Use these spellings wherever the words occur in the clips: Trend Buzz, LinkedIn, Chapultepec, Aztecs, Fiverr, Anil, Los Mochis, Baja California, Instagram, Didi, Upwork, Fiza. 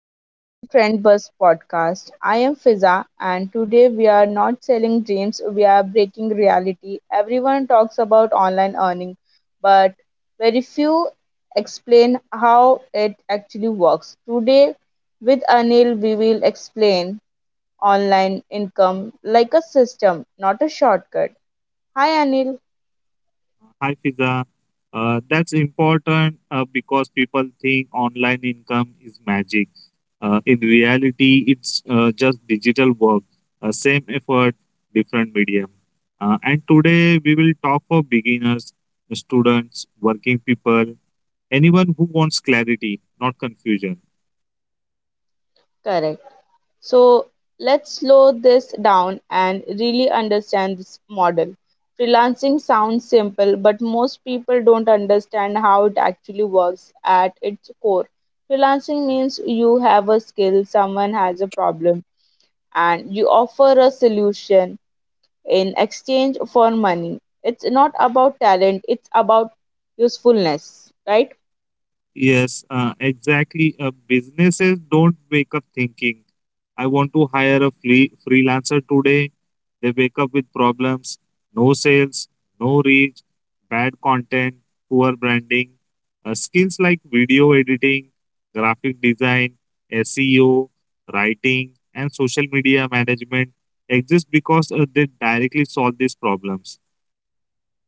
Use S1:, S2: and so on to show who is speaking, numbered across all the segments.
S1: welcome to Trend Buzz podcast. I am Fiza, and today we are not selling dreams, we are breaking reality. Everyone talks about online earning, but very few explain how it actually works. Today, with Anil, we will explain online income like a system, not a shortcut. Hi, Anil.
S2: Hi, Fiza. That's important because people think online income is magic. In reality, it's just digital work, same effort, different medium. And today, we will talk for beginners, students, working people, anyone who wants clarity, not confusion.
S1: Correct. So let's slow this down and really understand this model. Freelancing sounds simple, but most people don't understand how it actually works at its core. Freelancing means you have a skill, someone has a problem, and you offer a solution in exchange for money. It's not about talent, it's about usefulness, right?
S2: Yes, exactly. Businesses don't wake up thinking, I want to hire a freelancer today. They wake up with problems, no sales, no reach, bad content, poor branding. Skills like video editing, graphic design, SEO, writing, and social media management exist because they directly solve these problems.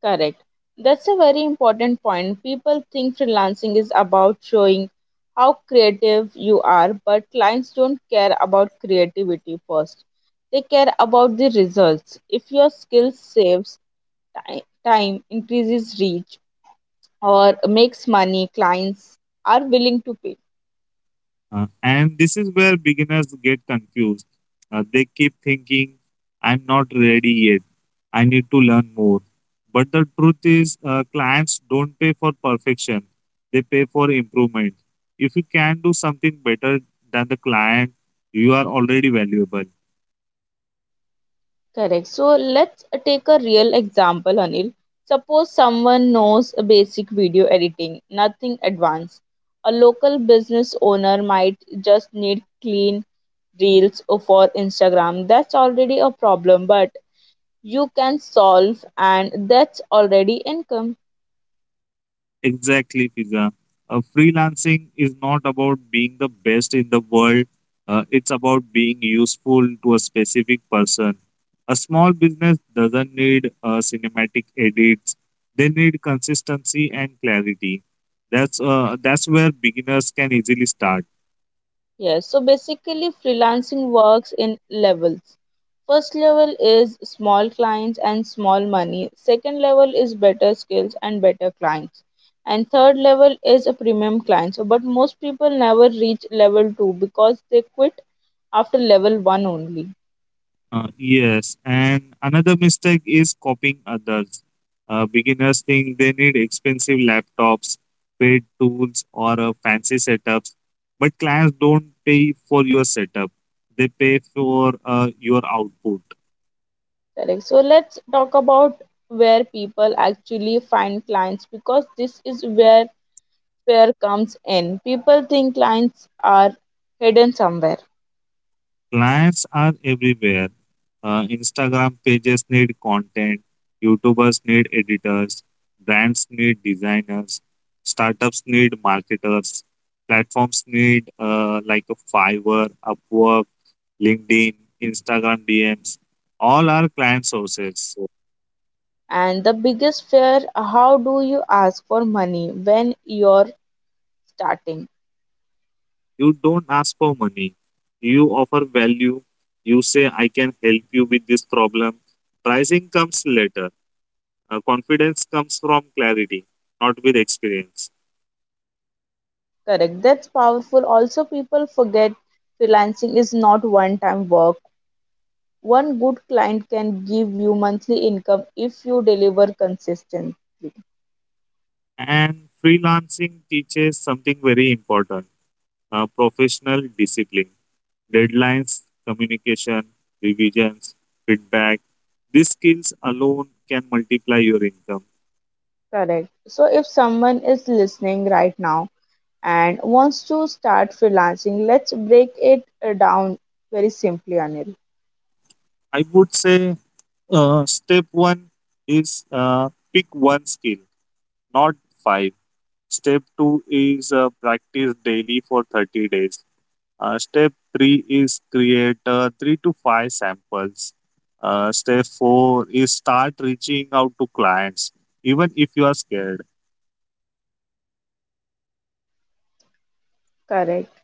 S1: Correct. That's a very important point. People think freelancing is about showing how creative you are, but clients don't care about creativity first. They care about the results. If your skill saves time, increases reach, or makes money, clients are willing to pay.
S2: And this is where beginners get confused. They keep thinking, I'm not ready yet. I need to learn more. But the truth is, clients don't pay for perfection, they pay for improvement. If you can do something better than the client, you are already valuable.
S1: Correct. So let's take a real example, Anil. Suppose someone knows a basic video editing, nothing advanced. A local business owner might just need clean reels or for Instagram. That's already a problem, but you can solve, and that's already income.
S2: Exactly, Fiza. Freelancing is not about being the best in the world. It's about being useful to a specific person. A small business doesn't need cinematic edits. They need consistency and clarity. That's where beginners can easily start.
S1: Yes, so basically freelancing works in levels. First level is small clients and small money. Second level is better skills and better clients. And third level is a premium client. So, but most people never reach level 2 because they quit after level 1 only.
S2: Yes, and another mistake is copying others. Beginners think they need expensive laptops, paid tools, or fancy setups, but clients don't pay for your setup, they pay for your output.
S1: Correct. So let's talk about where people actually find clients because this is where fear comes in. People think clients are hidden somewhere.
S2: Clients are everywhere. Instagram pages need content, YouTubers need editors, brands need designers, startups need marketers, platforms need like a Fiverr, Upwork, LinkedIn, Instagram DMs. All are client sources.
S1: And the biggest fear, how do you ask for money when you're starting?
S2: You don't ask for money. You offer value. You say, I can help you with this problem. Pricing comes later. Confidence comes from clarity, not with experience.
S1: Correct. That's powerful. Also, people forget freelancing is not one time work. One good client can give you monthly income if you deliver consistent.
S2: And freelancing teaches something very important professional discipline, deadlines, communication, revisions, feedback. These skills alone can multiply your income.
S1: Correct. So, if someone is listening right now and wants to start freelancing, let's break it down very simply, Anil.
S2: I would say step one is pick one skill, not five. Step two is practice daily for 30 days. Step three is create three to five samples. Step four is start reaching out to clients, even if you are scared.
S1: Correct.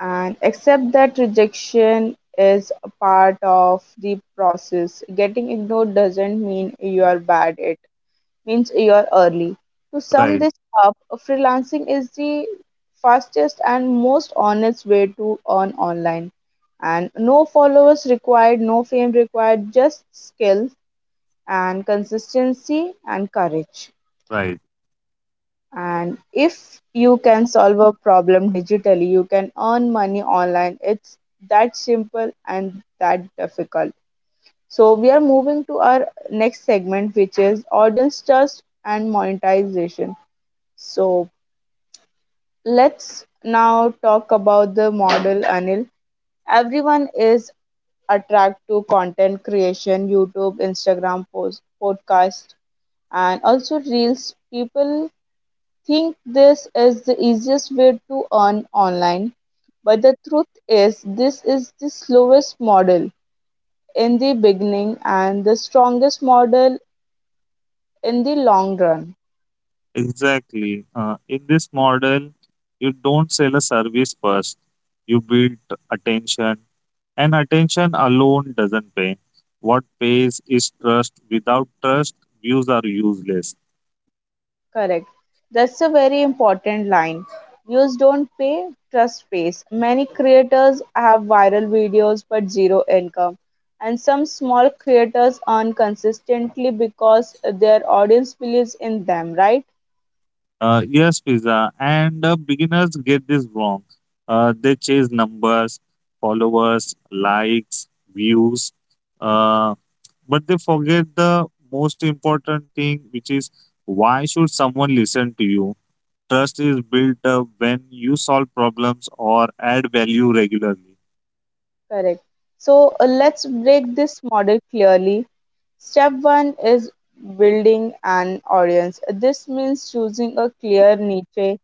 S1: And accept that rejection is a part of the process. Getting ignored doesn't mean you are bad, it means you are early. To sum
S2: Right,
S1: this up, freelancing is the fastest and most honest way to earn online, and no followers required, no fame required, just skill and consistency and courage.
S2: right.
S1: And if you can solve a problem digitally, you can earn money online. It's that simple and that difficult. So, we are moving to our next segment, which is audience trust and monetization. So, let's now talk about the model, Anil. Everyone is attracted to content creation, YouTube, Instagram post, podcast, and also reels. People think this is the easiest way to earn online, but the truth is, this is the slowest model in the beginning and the strongest model in the long run.
S2: Exactly. In this model, you don't sell a service first, you build attention, and attention alone doesn't pay. What pays is trust. Without trust, views are useless.
S1: Correct. That's a very important line. Views don't pay, trust pays. Many creators have viral videos but zero income. And some small creators earn consistently because their audience believes in them, right?
S2: Yes, pizza. And beginners get this wrong. They chase numbers, followers, likes, views, uh, but they forget the most important thing, which is why should someone listen to you? Trust is built up when you solve problems or add value regularly.
S1: Correct. So let's break this model clearly. Step one is building an audience. This means choosing a clear niche,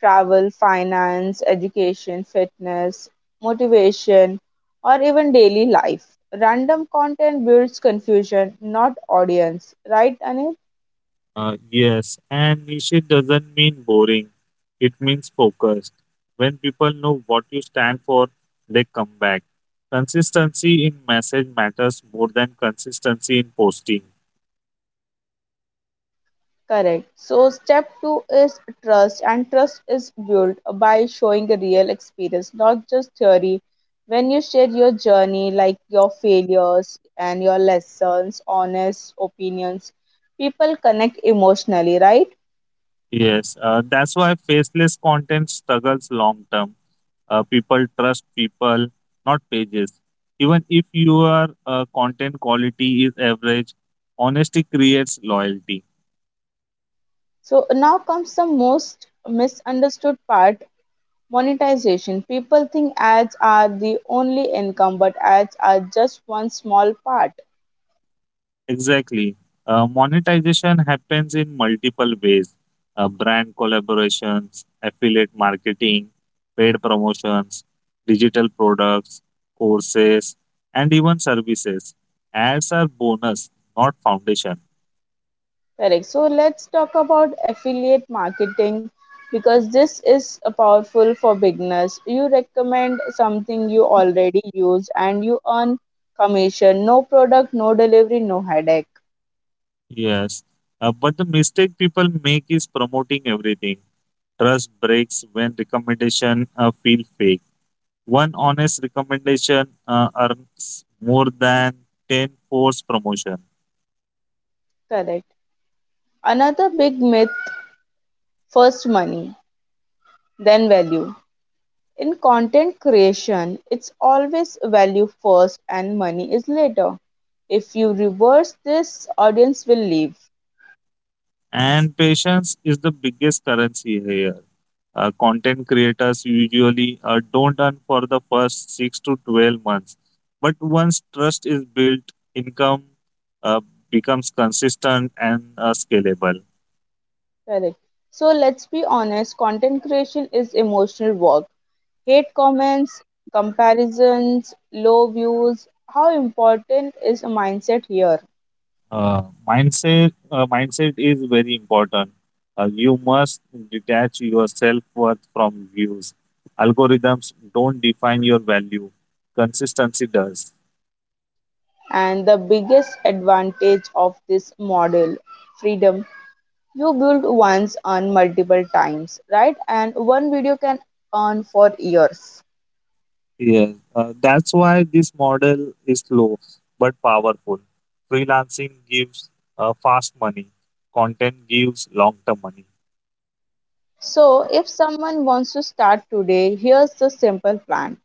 S1: travel, finance, education, fitness, motivation, or even daily life. Random content builds confusion, not audience. Right, Anil?
S2: Yes, and niche doesn't mean boring. It means focused. When people know what you stand for, they come back. Consistency in message matters more than consistency in posting.
S1: Correct. So, step two is trust, and trust is built by showing a real experience, not just theory. When you share your journey, like your failures and your lessons, honest opinions, people connect emotionally, right?
S2: Yes, that's why faceless content struggles long term. People trust people, not pages. Even if your content quality is average, honesty creates loyalty.
S1: So, now comes the most misunderstood part, monetization. People think ads are the only income, but ads are just one small part.
S2: Exactly. Monetization happens in multiple ways brand collaborations, affiliate marketing, paid promotions, digital products, courses, and even services. Ads are bonus, not foundation.
S1: Correct. So let's talk about affiliate marketing, because this is a powerful for beginners. You recommend something you already use and you earn commission. No product, no delivery, no headache.
S2: Yes. But the mistake people make is promoting everything. Trust breaks when recommendation feel fake. One honest recommendation earns more than 10 forced promotion.
S1: Correct. Another big myth, first money, then value. In content creation, it's always value first and money is later. If you reverse this, audience will leave.
S2: And patience is the biggest currency here. Content creators usually don't earn for the first six to 12 months. But once trust is built, income uh, becomes consistent and scalable.
S1: Correct. So let's be honest, content creation is emotional work. Hate comments, comparisons, low views. How important is a mindset here?
S2: Uh, Mindset is very important. You must detach your self worth from views. Algorithms don't define your value, consistency does.
S1: And the biggest advantage of this model, freedom. You build once, earn multiple times, right? And one video can earn for years.
S2: Yes, that's why this model is slow but powerful. Freelancing gives fast money, content gives long term money.
S1: So if someone wants to start today, here's the simple plan.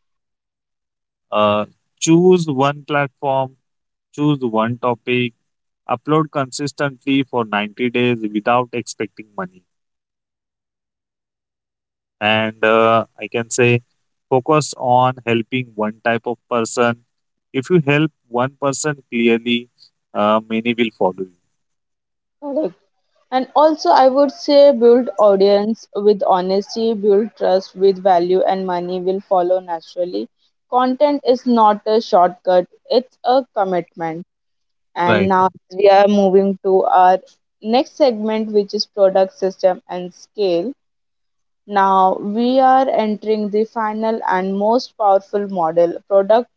S2: Uh, Choose one platform, choose one topic, upload consistently for 90 days without expecting money. And I can say focus on helping one type of person. If you help one person clearly, many will follow you.
S1: Correct. And also, I would say build audience with honesty, build trust with value, and money will follow naturally. Content is not a shortcut, it's a commitment. And
S2: Right.
S1: now we are moving to our next segment, which is product system and scale. Now we are entering the final and most powerful model, product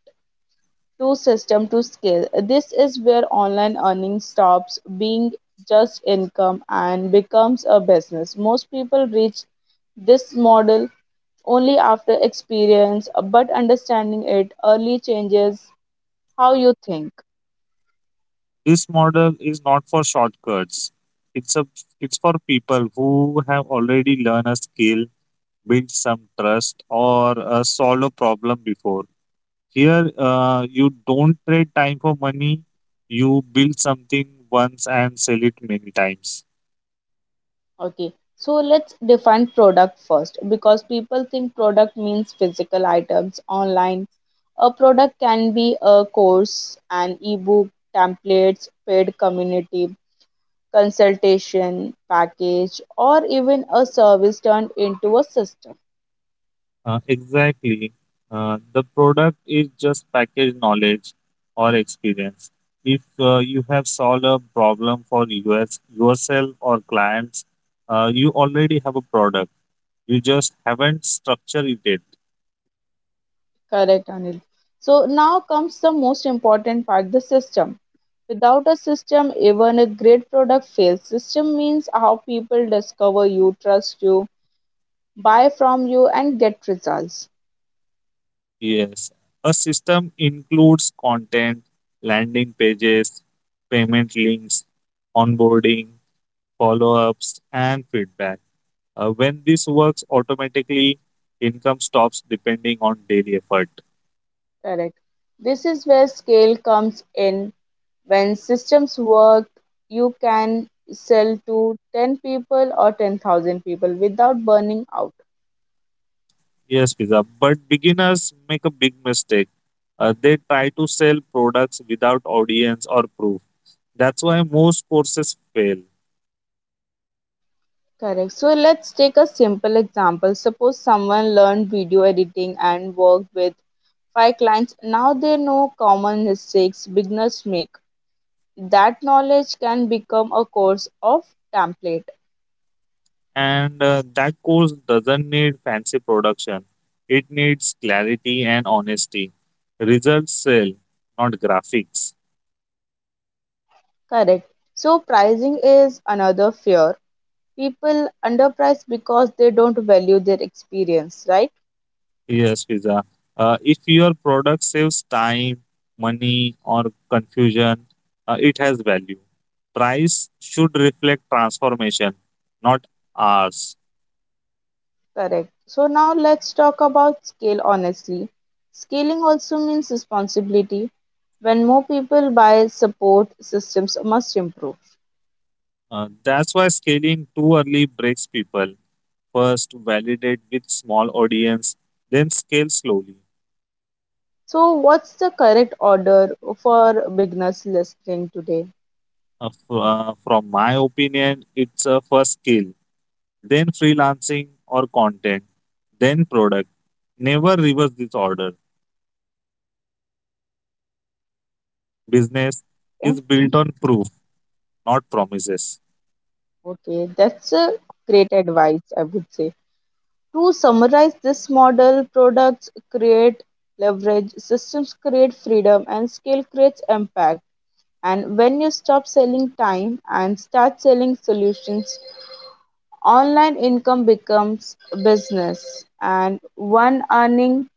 S1: to system to scale. This is where online earning stops being just income and becomes a business. Most people reach this model only after experience, but understanding it early changes how you think.
S2: This model is not for shortcuts. It's a it's for people who have already learned a skill, built some trust, or solved a problem before. Here, you don't trade time for money. You build something once and sell it many times.
S1: Okay, so let's define product first, because people think product means physical items online. A product can be a course, an ebook, templates, paid community, consultation package or even a service turned into a system.
S2: Exactly. The product is just packaged knowledge or experience. If you have solved a problem for us, yourself or clients, you already have a product. You just haven't structured it yet.
S1: Correct, Anil. So now comes the most important part, the system. Without a system even a great product fails. System means how people discover you, trust you, buy from you and get results.
S2: Yes. A system includes content, landing pages, payment links, onboarding, follow ups, and feedback. When this works automatically, income stops depending on daily effort.
S1: Correct. This is where scale comes in. When systems work, you can sell to 10 people or 10,000 people without burning out.
S2: Yes, pizza. But beginners make a big mistake. They try to sell products without audience or proof. That's why most courses fail.
S1: Correct. So let's take a simple example. Suppose someone learned video editing and worked with five clients. Now they know common mistakes beginners make. That knowledge can become a course of template.
S2: And that course doesn't need fancy production, it needs clarity and honesty. Results sell, not graphics.
S1: Correct. So pricing is another fear. People underprice because they don't value their experience, right?
S2: Yes, pizza. If your product saves time, money, or confusion, it has value. Price should reflect transformation, not hours.
S1: Correct. So now let's talk about scale honestly. Scaling also means responsibility. When more people buy, support systems must improve.
S2: That's why scaling too early breaks people. First, validate with small audience, then scale slowly.
S1: So, what's the correct order for beginners listening today?
S2: From my opinion, it's a first skill, then freelancing or content, then product. Never reverse this order. Business is
S1: Okay,
S2: built on proof, not promises.
S1: okay, that's a great advice, I would say. To summarize this model, products create leverage, systems create freedom, and scale creates impact. And when you stop selling time and start selling solutions, online income becomes a business and one earning.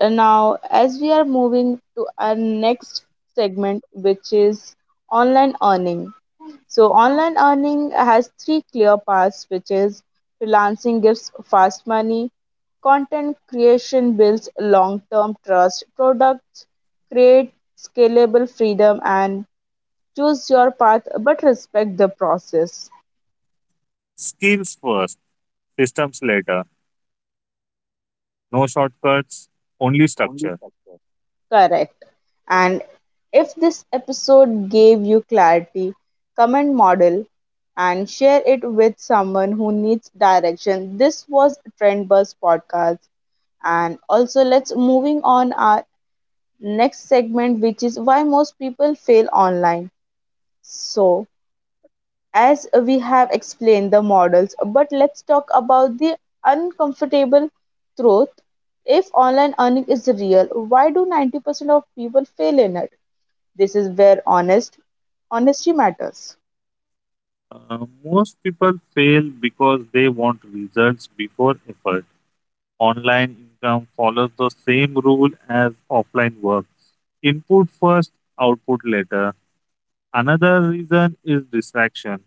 S1: Now, as we are moving to our next segment, which is online earning. So, online earning has three clear paths, which is freelancing gives fast money, content creation builds long term trust, products create scalable freedom, and choose your path but respect the process.
S2: Skills first, systems later. No shortcuts, only structure.
S1: Correct. And if this episode gave you clarity, comment model and share it with someone who needs direction. This was Trend Buzz podcast. And also let's moving on our next segment, which is why most people fail online. So, as we have explained the models, but let's talk about the uncomfortable truth. If online earning is real, why do 90% of people fail in it? This is where honesty matters.
S2: Most people fail because they want results before effort online income follows the same rule as offline work input first, output later. Another reason is distraction.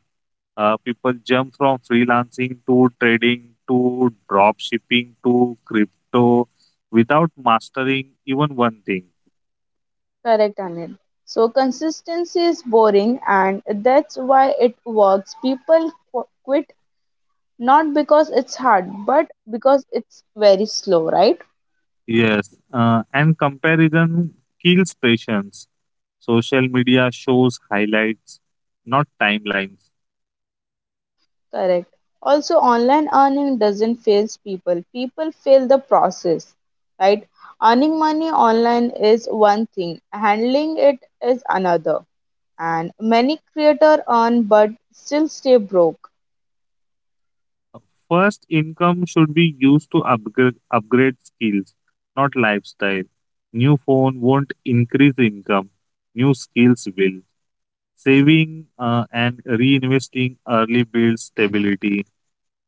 S2: People jump from freelancing to trading to drop shipping to crypto without mastering even one thing.
S1: Correct, Anil. So consistency is boring, and that's why it works. People quit not because it's hard, but because it's very slow, right?
S2: Yes, and comparison kills patience. Social media shows highlights, not timelines.
S1: Correct. Also, online earning doesn't fail people. People fail the process, right? Earning money online is one thing, handling it is another. And many creators earn but still stay broke.
S2: First, income should be used to upgrade skills, not lifestyle. New phone won't increase income, new skills will. Saving and reinvesting early builds stability.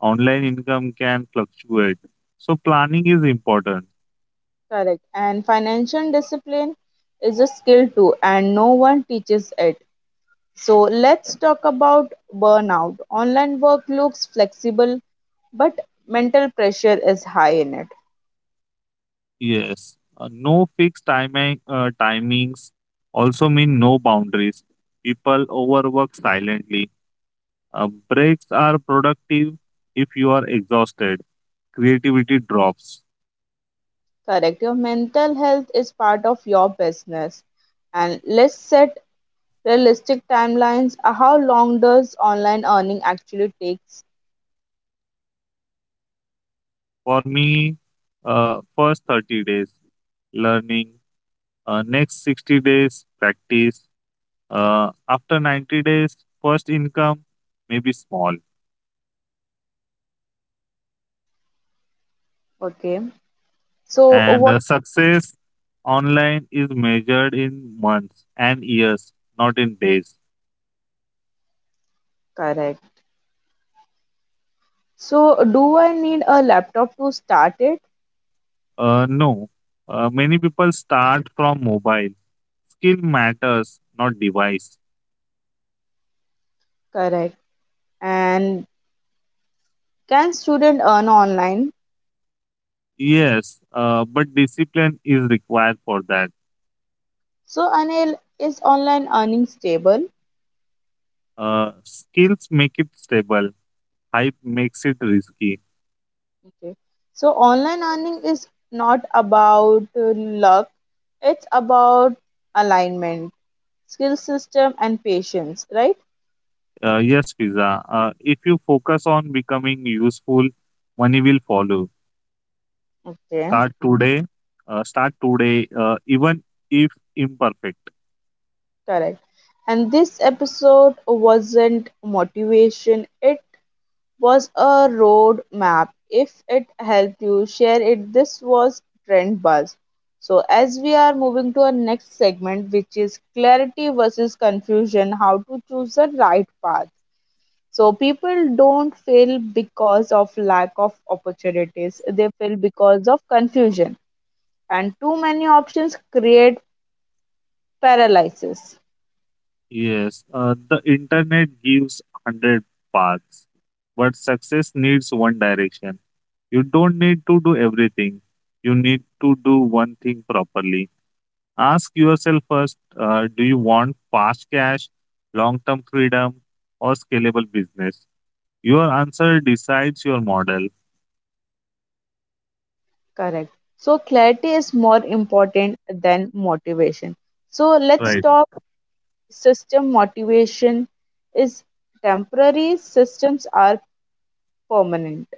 S2: Online income can fluctuate, so planning is important.
S1: Correct. And financial discipline is a skill too, and no one teaches it. So let's talk about burnout. Online work looks flexible, but mental pressure is high in it.
S2: Yes, no fixed timings also mean no boundaries. People overwork silently. Breaks are productive if you are exhausted creativity drops.
S1: Correct. Your mental health is part of your business. And let's set realistic timelines. How long does online earning actually takes?
S2: For me, first 30 days learning, next 60 days practice, after 90 days first income may be small,
S1: Okay. So
S2: and
S1: what?
S2: success online is measured in months and years, not in days.
S1: Correct. So do I need a laptop to start it?
S2: No, many people start from mobile. Skill matters, not device.
S1: Correct. And can student earn online?
S2: Yes, but discipline is required for that.
S1: So, Anil, is online earning stable?
S2: Skills make it stable. Hype makes it risky.
S1: Okay. So, online earning is not about luck, it's about alignment, skill system, and patience, right?
S2: Yes, Fiza. If you focus on becoming useful, money will follow.
S1: Okay,
S2: Start today. Start today, even if imperfect.
S1: correct. And this episode wasn't motivation, it was a road map. If it helped you, share it. This was Trend Buzz. So, as we are moving to our next segment, which is clarity versus confusion, how to choose the right path. So, people don't fail because of lack of opportunities, they fail because of confusion. And too many options create paralysis.
S2: Yes, the internet gives 100 paths, but success needs one direction. You don't need to do everything, you need to do one thing properly. Ask yourself first do you want fast cash, long term freedom, or scalable business? Your answer decides your model,
S1: Correct. So, clarity is more important than motivation. So, let's
S2: right?
S1: talk system, motivation is temporary, systems are permanent.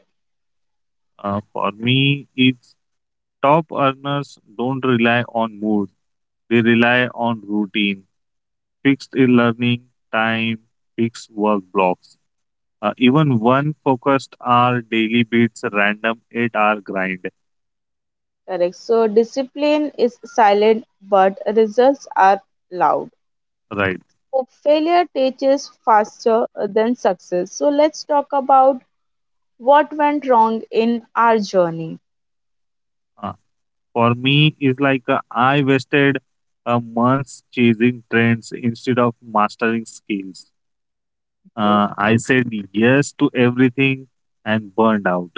S2: For me, it's top earners don't rely on mood, they rely on routine, fixed learning time, fixed work blocks. Even one focused hour daily beats random 8-hour grind,
S1: Correct. So discipline is silent, but results are loud.
S2: right?
S1: So failure teaches faster than success. So let's talk about what went wrong in our journey.
S2: Uh, for me is like I wasted months chasing trends instead of mastering skills.
S1: Okay.
S2: I said yes to everything and burned out.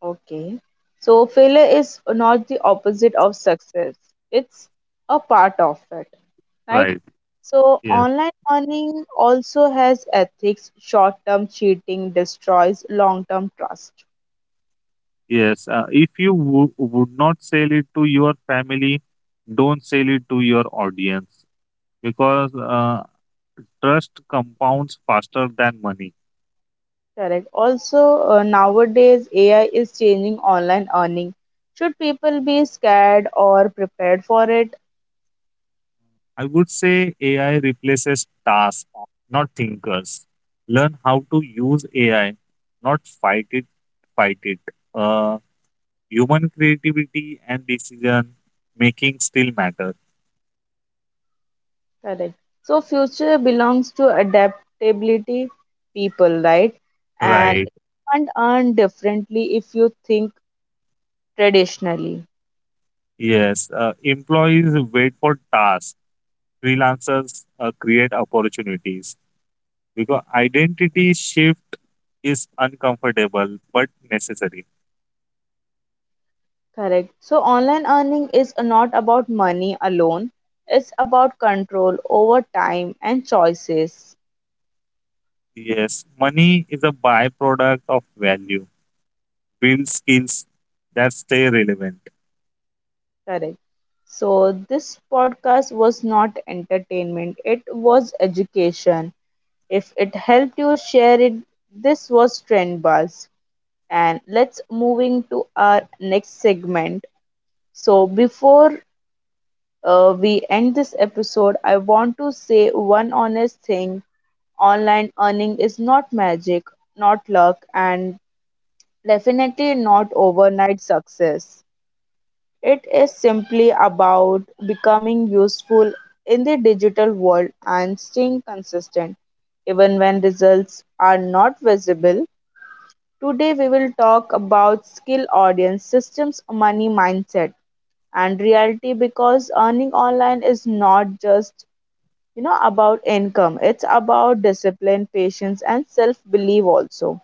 S1: Okay. So failure is not the opposite of success. It's a part of it, right?
S2: Right.
S1: So
S2: Yes.
S1: online earning also has ethics. Short-term cheating destroys long-term trust.
S2: Yes. If you would not sell it to your family, don't sell it to your audience because trust compounds faster than money.
S1: Correct. Also, nowadays AI is changing online earning. Should people be scared or prepared for it?
S2: I would say AI replaces tasks, not thinkers. Learn how to use AI, not fight it. Fight it. Uh, Human creativity and decision making still matter.
S1: Correct. So future belongs to adaptability people, right? And you
S2: Right.
S1: can't earn differently if you think traditionally.
S2: Yes. Employees wait for tasks. Freelancers create opportunities because identity shift is uncomfortable but necessary.
S1: Correct. So online earning is not about money alone. It's about control over time and choices.
S2: Yes. Money is a byproduct of value build skills that stay relevant.
S1: Correct. So this podcast was not entertainment. It was education. If it helped you share it, this was Trend Buzz. And let's moving to our next segment. So before we end this episode, I want to say one honest thing, online earning is not magic, not luck, and definitely not overnight success. It is simply about becoming useful in the digital world and staying consistent, even when results are not visible. Today we will talk about skill audience systems, money mindset and reality, because earning online is not just about income. It's about discipline patience and self belief. Also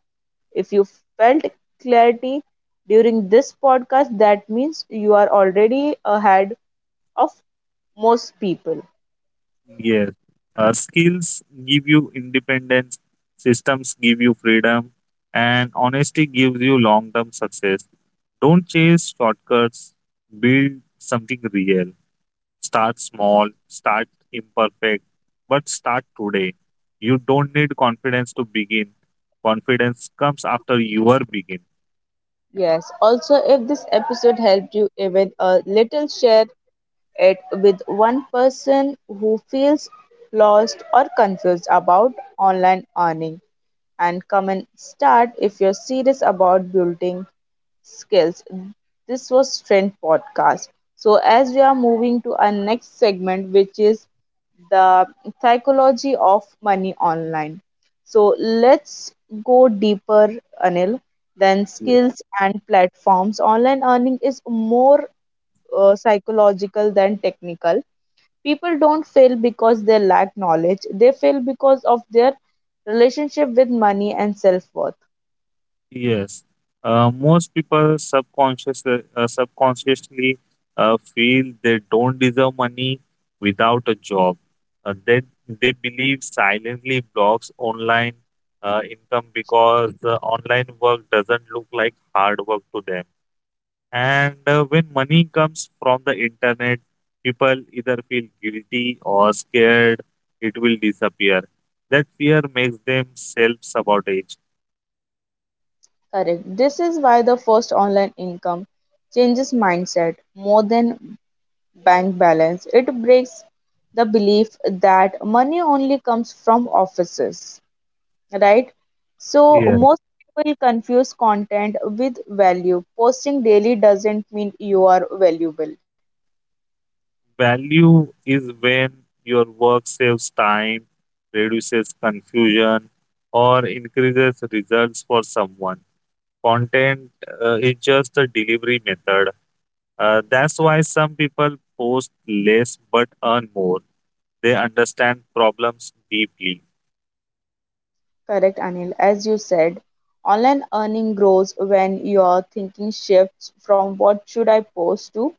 S1: if you felt clarity during this podcast, that means you are already ahead of most people.
S2: Yes, skills give you independence, systems give you freedom, and honesty gives you long term success. Don't chase shortcuts, build something real. Start small, start imperfect, but start today. You don't need confidence to begin, confidence comes after you are begin.
S1: Yes, also if this episode helped you even a little, share it with one person who feels lost or confused about online earning, and come and start if you're serious about building skills. This was Trend Podcast. So, as we are moving to our next segment, which is the psychology of money online. So, let's go deeper, Anil, than skills and platforms. Online earning is more psychological than technical. People don't fail because they lack knowledge, they fail because of their relationship with money and self worth.
S2: Yes, most people subconsciously feel they don't deserve money without a job. Uh, they they believe silently blocks online income because online work doesn't look like hard work to them. And when money comes from the internet, people either feel guilty or scared it will disappear. That fear makes them self sabotage.
S1: Correct. This is why the first online income changes mindset more than bank balance. It breaks the belief that money only comes from offices, right? So, most people confuse content with value. Posting daily doesn't mean you are valuable.
S2: Value is when your work saves time, reduces confusion, or increases results for someone. Content is just a delivery method. That's why some people post less but earn more. They understand problems deeply.
S1: Correct, Anil. As you said, online earning grows when your thinking shifts from what should I post to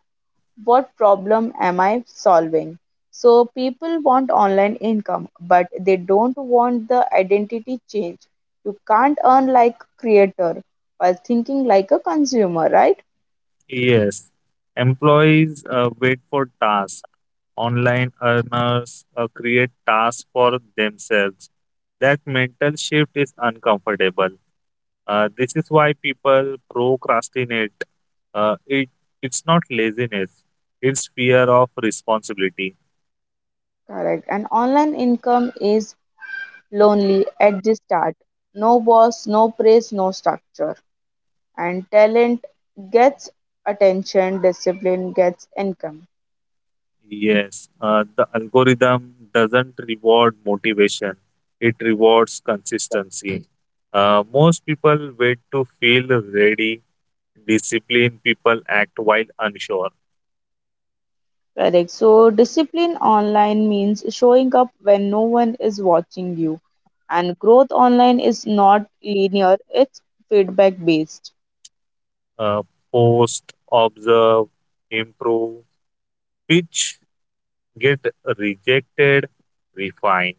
S1: what problem am I solving. So, people want online income, but they don't want the identity change. You can't earn like creator while thinking like a consumer, right?
S2: Yes, employees wait for tasks. Online earners create tasks for themselves. That mental shift is uncomfortable. This is why people procrastinate. Uh, it it's not laziness; it's fear of responsibility.
S1: Correct. And online income is lonely at the start. No boss, no praise, no structure. And talent gets attention, discipline gets income.
S2: Yes, the algorithm doesn't reward motivation; it rewards consistency. Most people wait to feel ready. Disciplined people act while unsure.
S1: Correct. So discipline online means showing up when no one is watching you. And growth online is not linear, it's feedback based.
S2: Uh, Post, observe, improve, which get rejected, refine.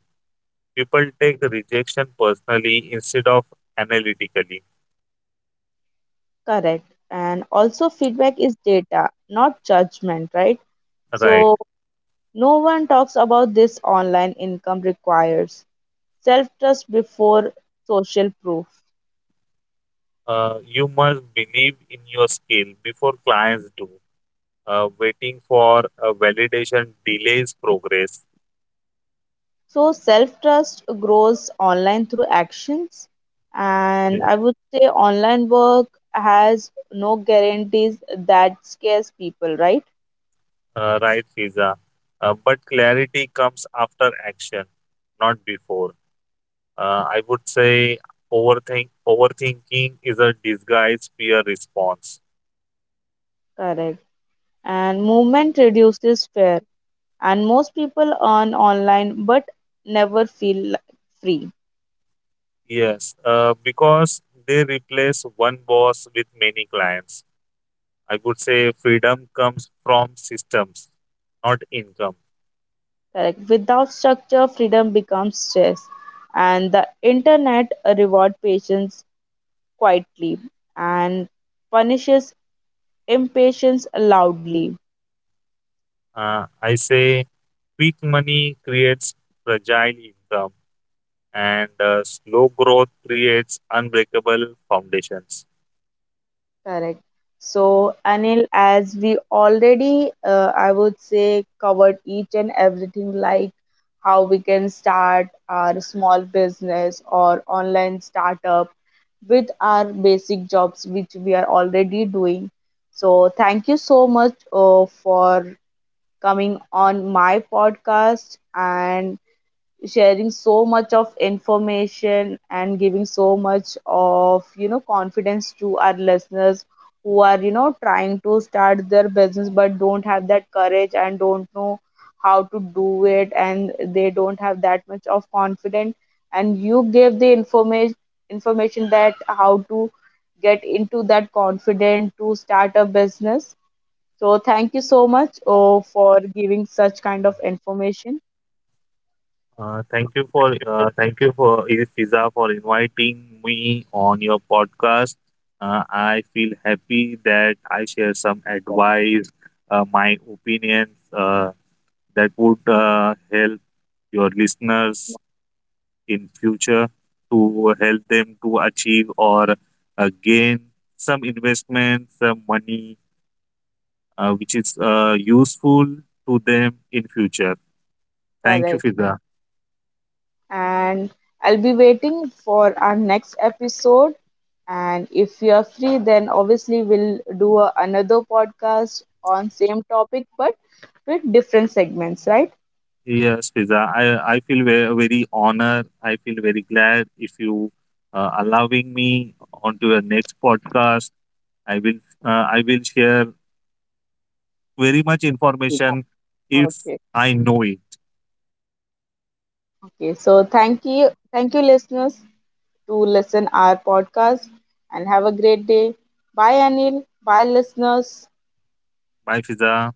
S2: People take the rejection personally instead of analytically.
S1: Correct. And also feedback is data not judgment, right?
S2: Right.
S1: So no one talks about this, online income requires self trust before social proof.
S2: You must believe in your skill before clients do. Waiting for a validation delays progress.
S1: So self trust grows online through actions, and
S2: Yeah.
S1: I would say online work has no guarantees that scares people, right?
S2: Right, Fiza. But clarity comes after action, not before. I would say overthinking is a disguised fear response.
S1: Correct. And movement reduces fear, and most people earn online but never feel free.
S2: Yes, because they replace one boss with many clients. I would say freedom comes from systems, not income.
S1: Correct. Without structure, freedom becomes stress, and the internet reward patience quietly and punishes impatience loudly.
S2: I say quick money creates fragile income, and slow growth creates unbreakable foundations.
S1: Correct. So, Anil, as we already, I would say, covered each and everything like how we can start our small business or online startup with our basic jobs, which we are already doing. So, thank you so much for coming on my podcast and sharing so much of information and giving so much of confidence to our listeners who are trying to start their business but don't have that courage and don't know how to do it and they don't have that much of confidence, and you give the information that how to get into that confident to start a business, so thank you so much for giving such kind of information.
S2: Thank you for Fiza for inviting me on your podcast. I feel happy that I share some advice, my opinions that would help your listeners in future to help them to achieve or gain some investment, some money, which is useful to them in future. Thank you,
S1: Correct.
S2: Fiza.
S1: And I'll be waiting for our next episode. And if you're free, then obviously we'll do another podcast on same topic, but with different segments, right?
S2: Yes, Fiza. I feel very, very honored. I feel very glad if you allowing me onto the next podcast. I will I will share very much information if
S1: Okay.
S2: I know it.
S1: Okay. So thank you, listeners, to listen our podcast, and have a great day. Bye, Anil. Bye, listeners.
S2: Bye, Fiza.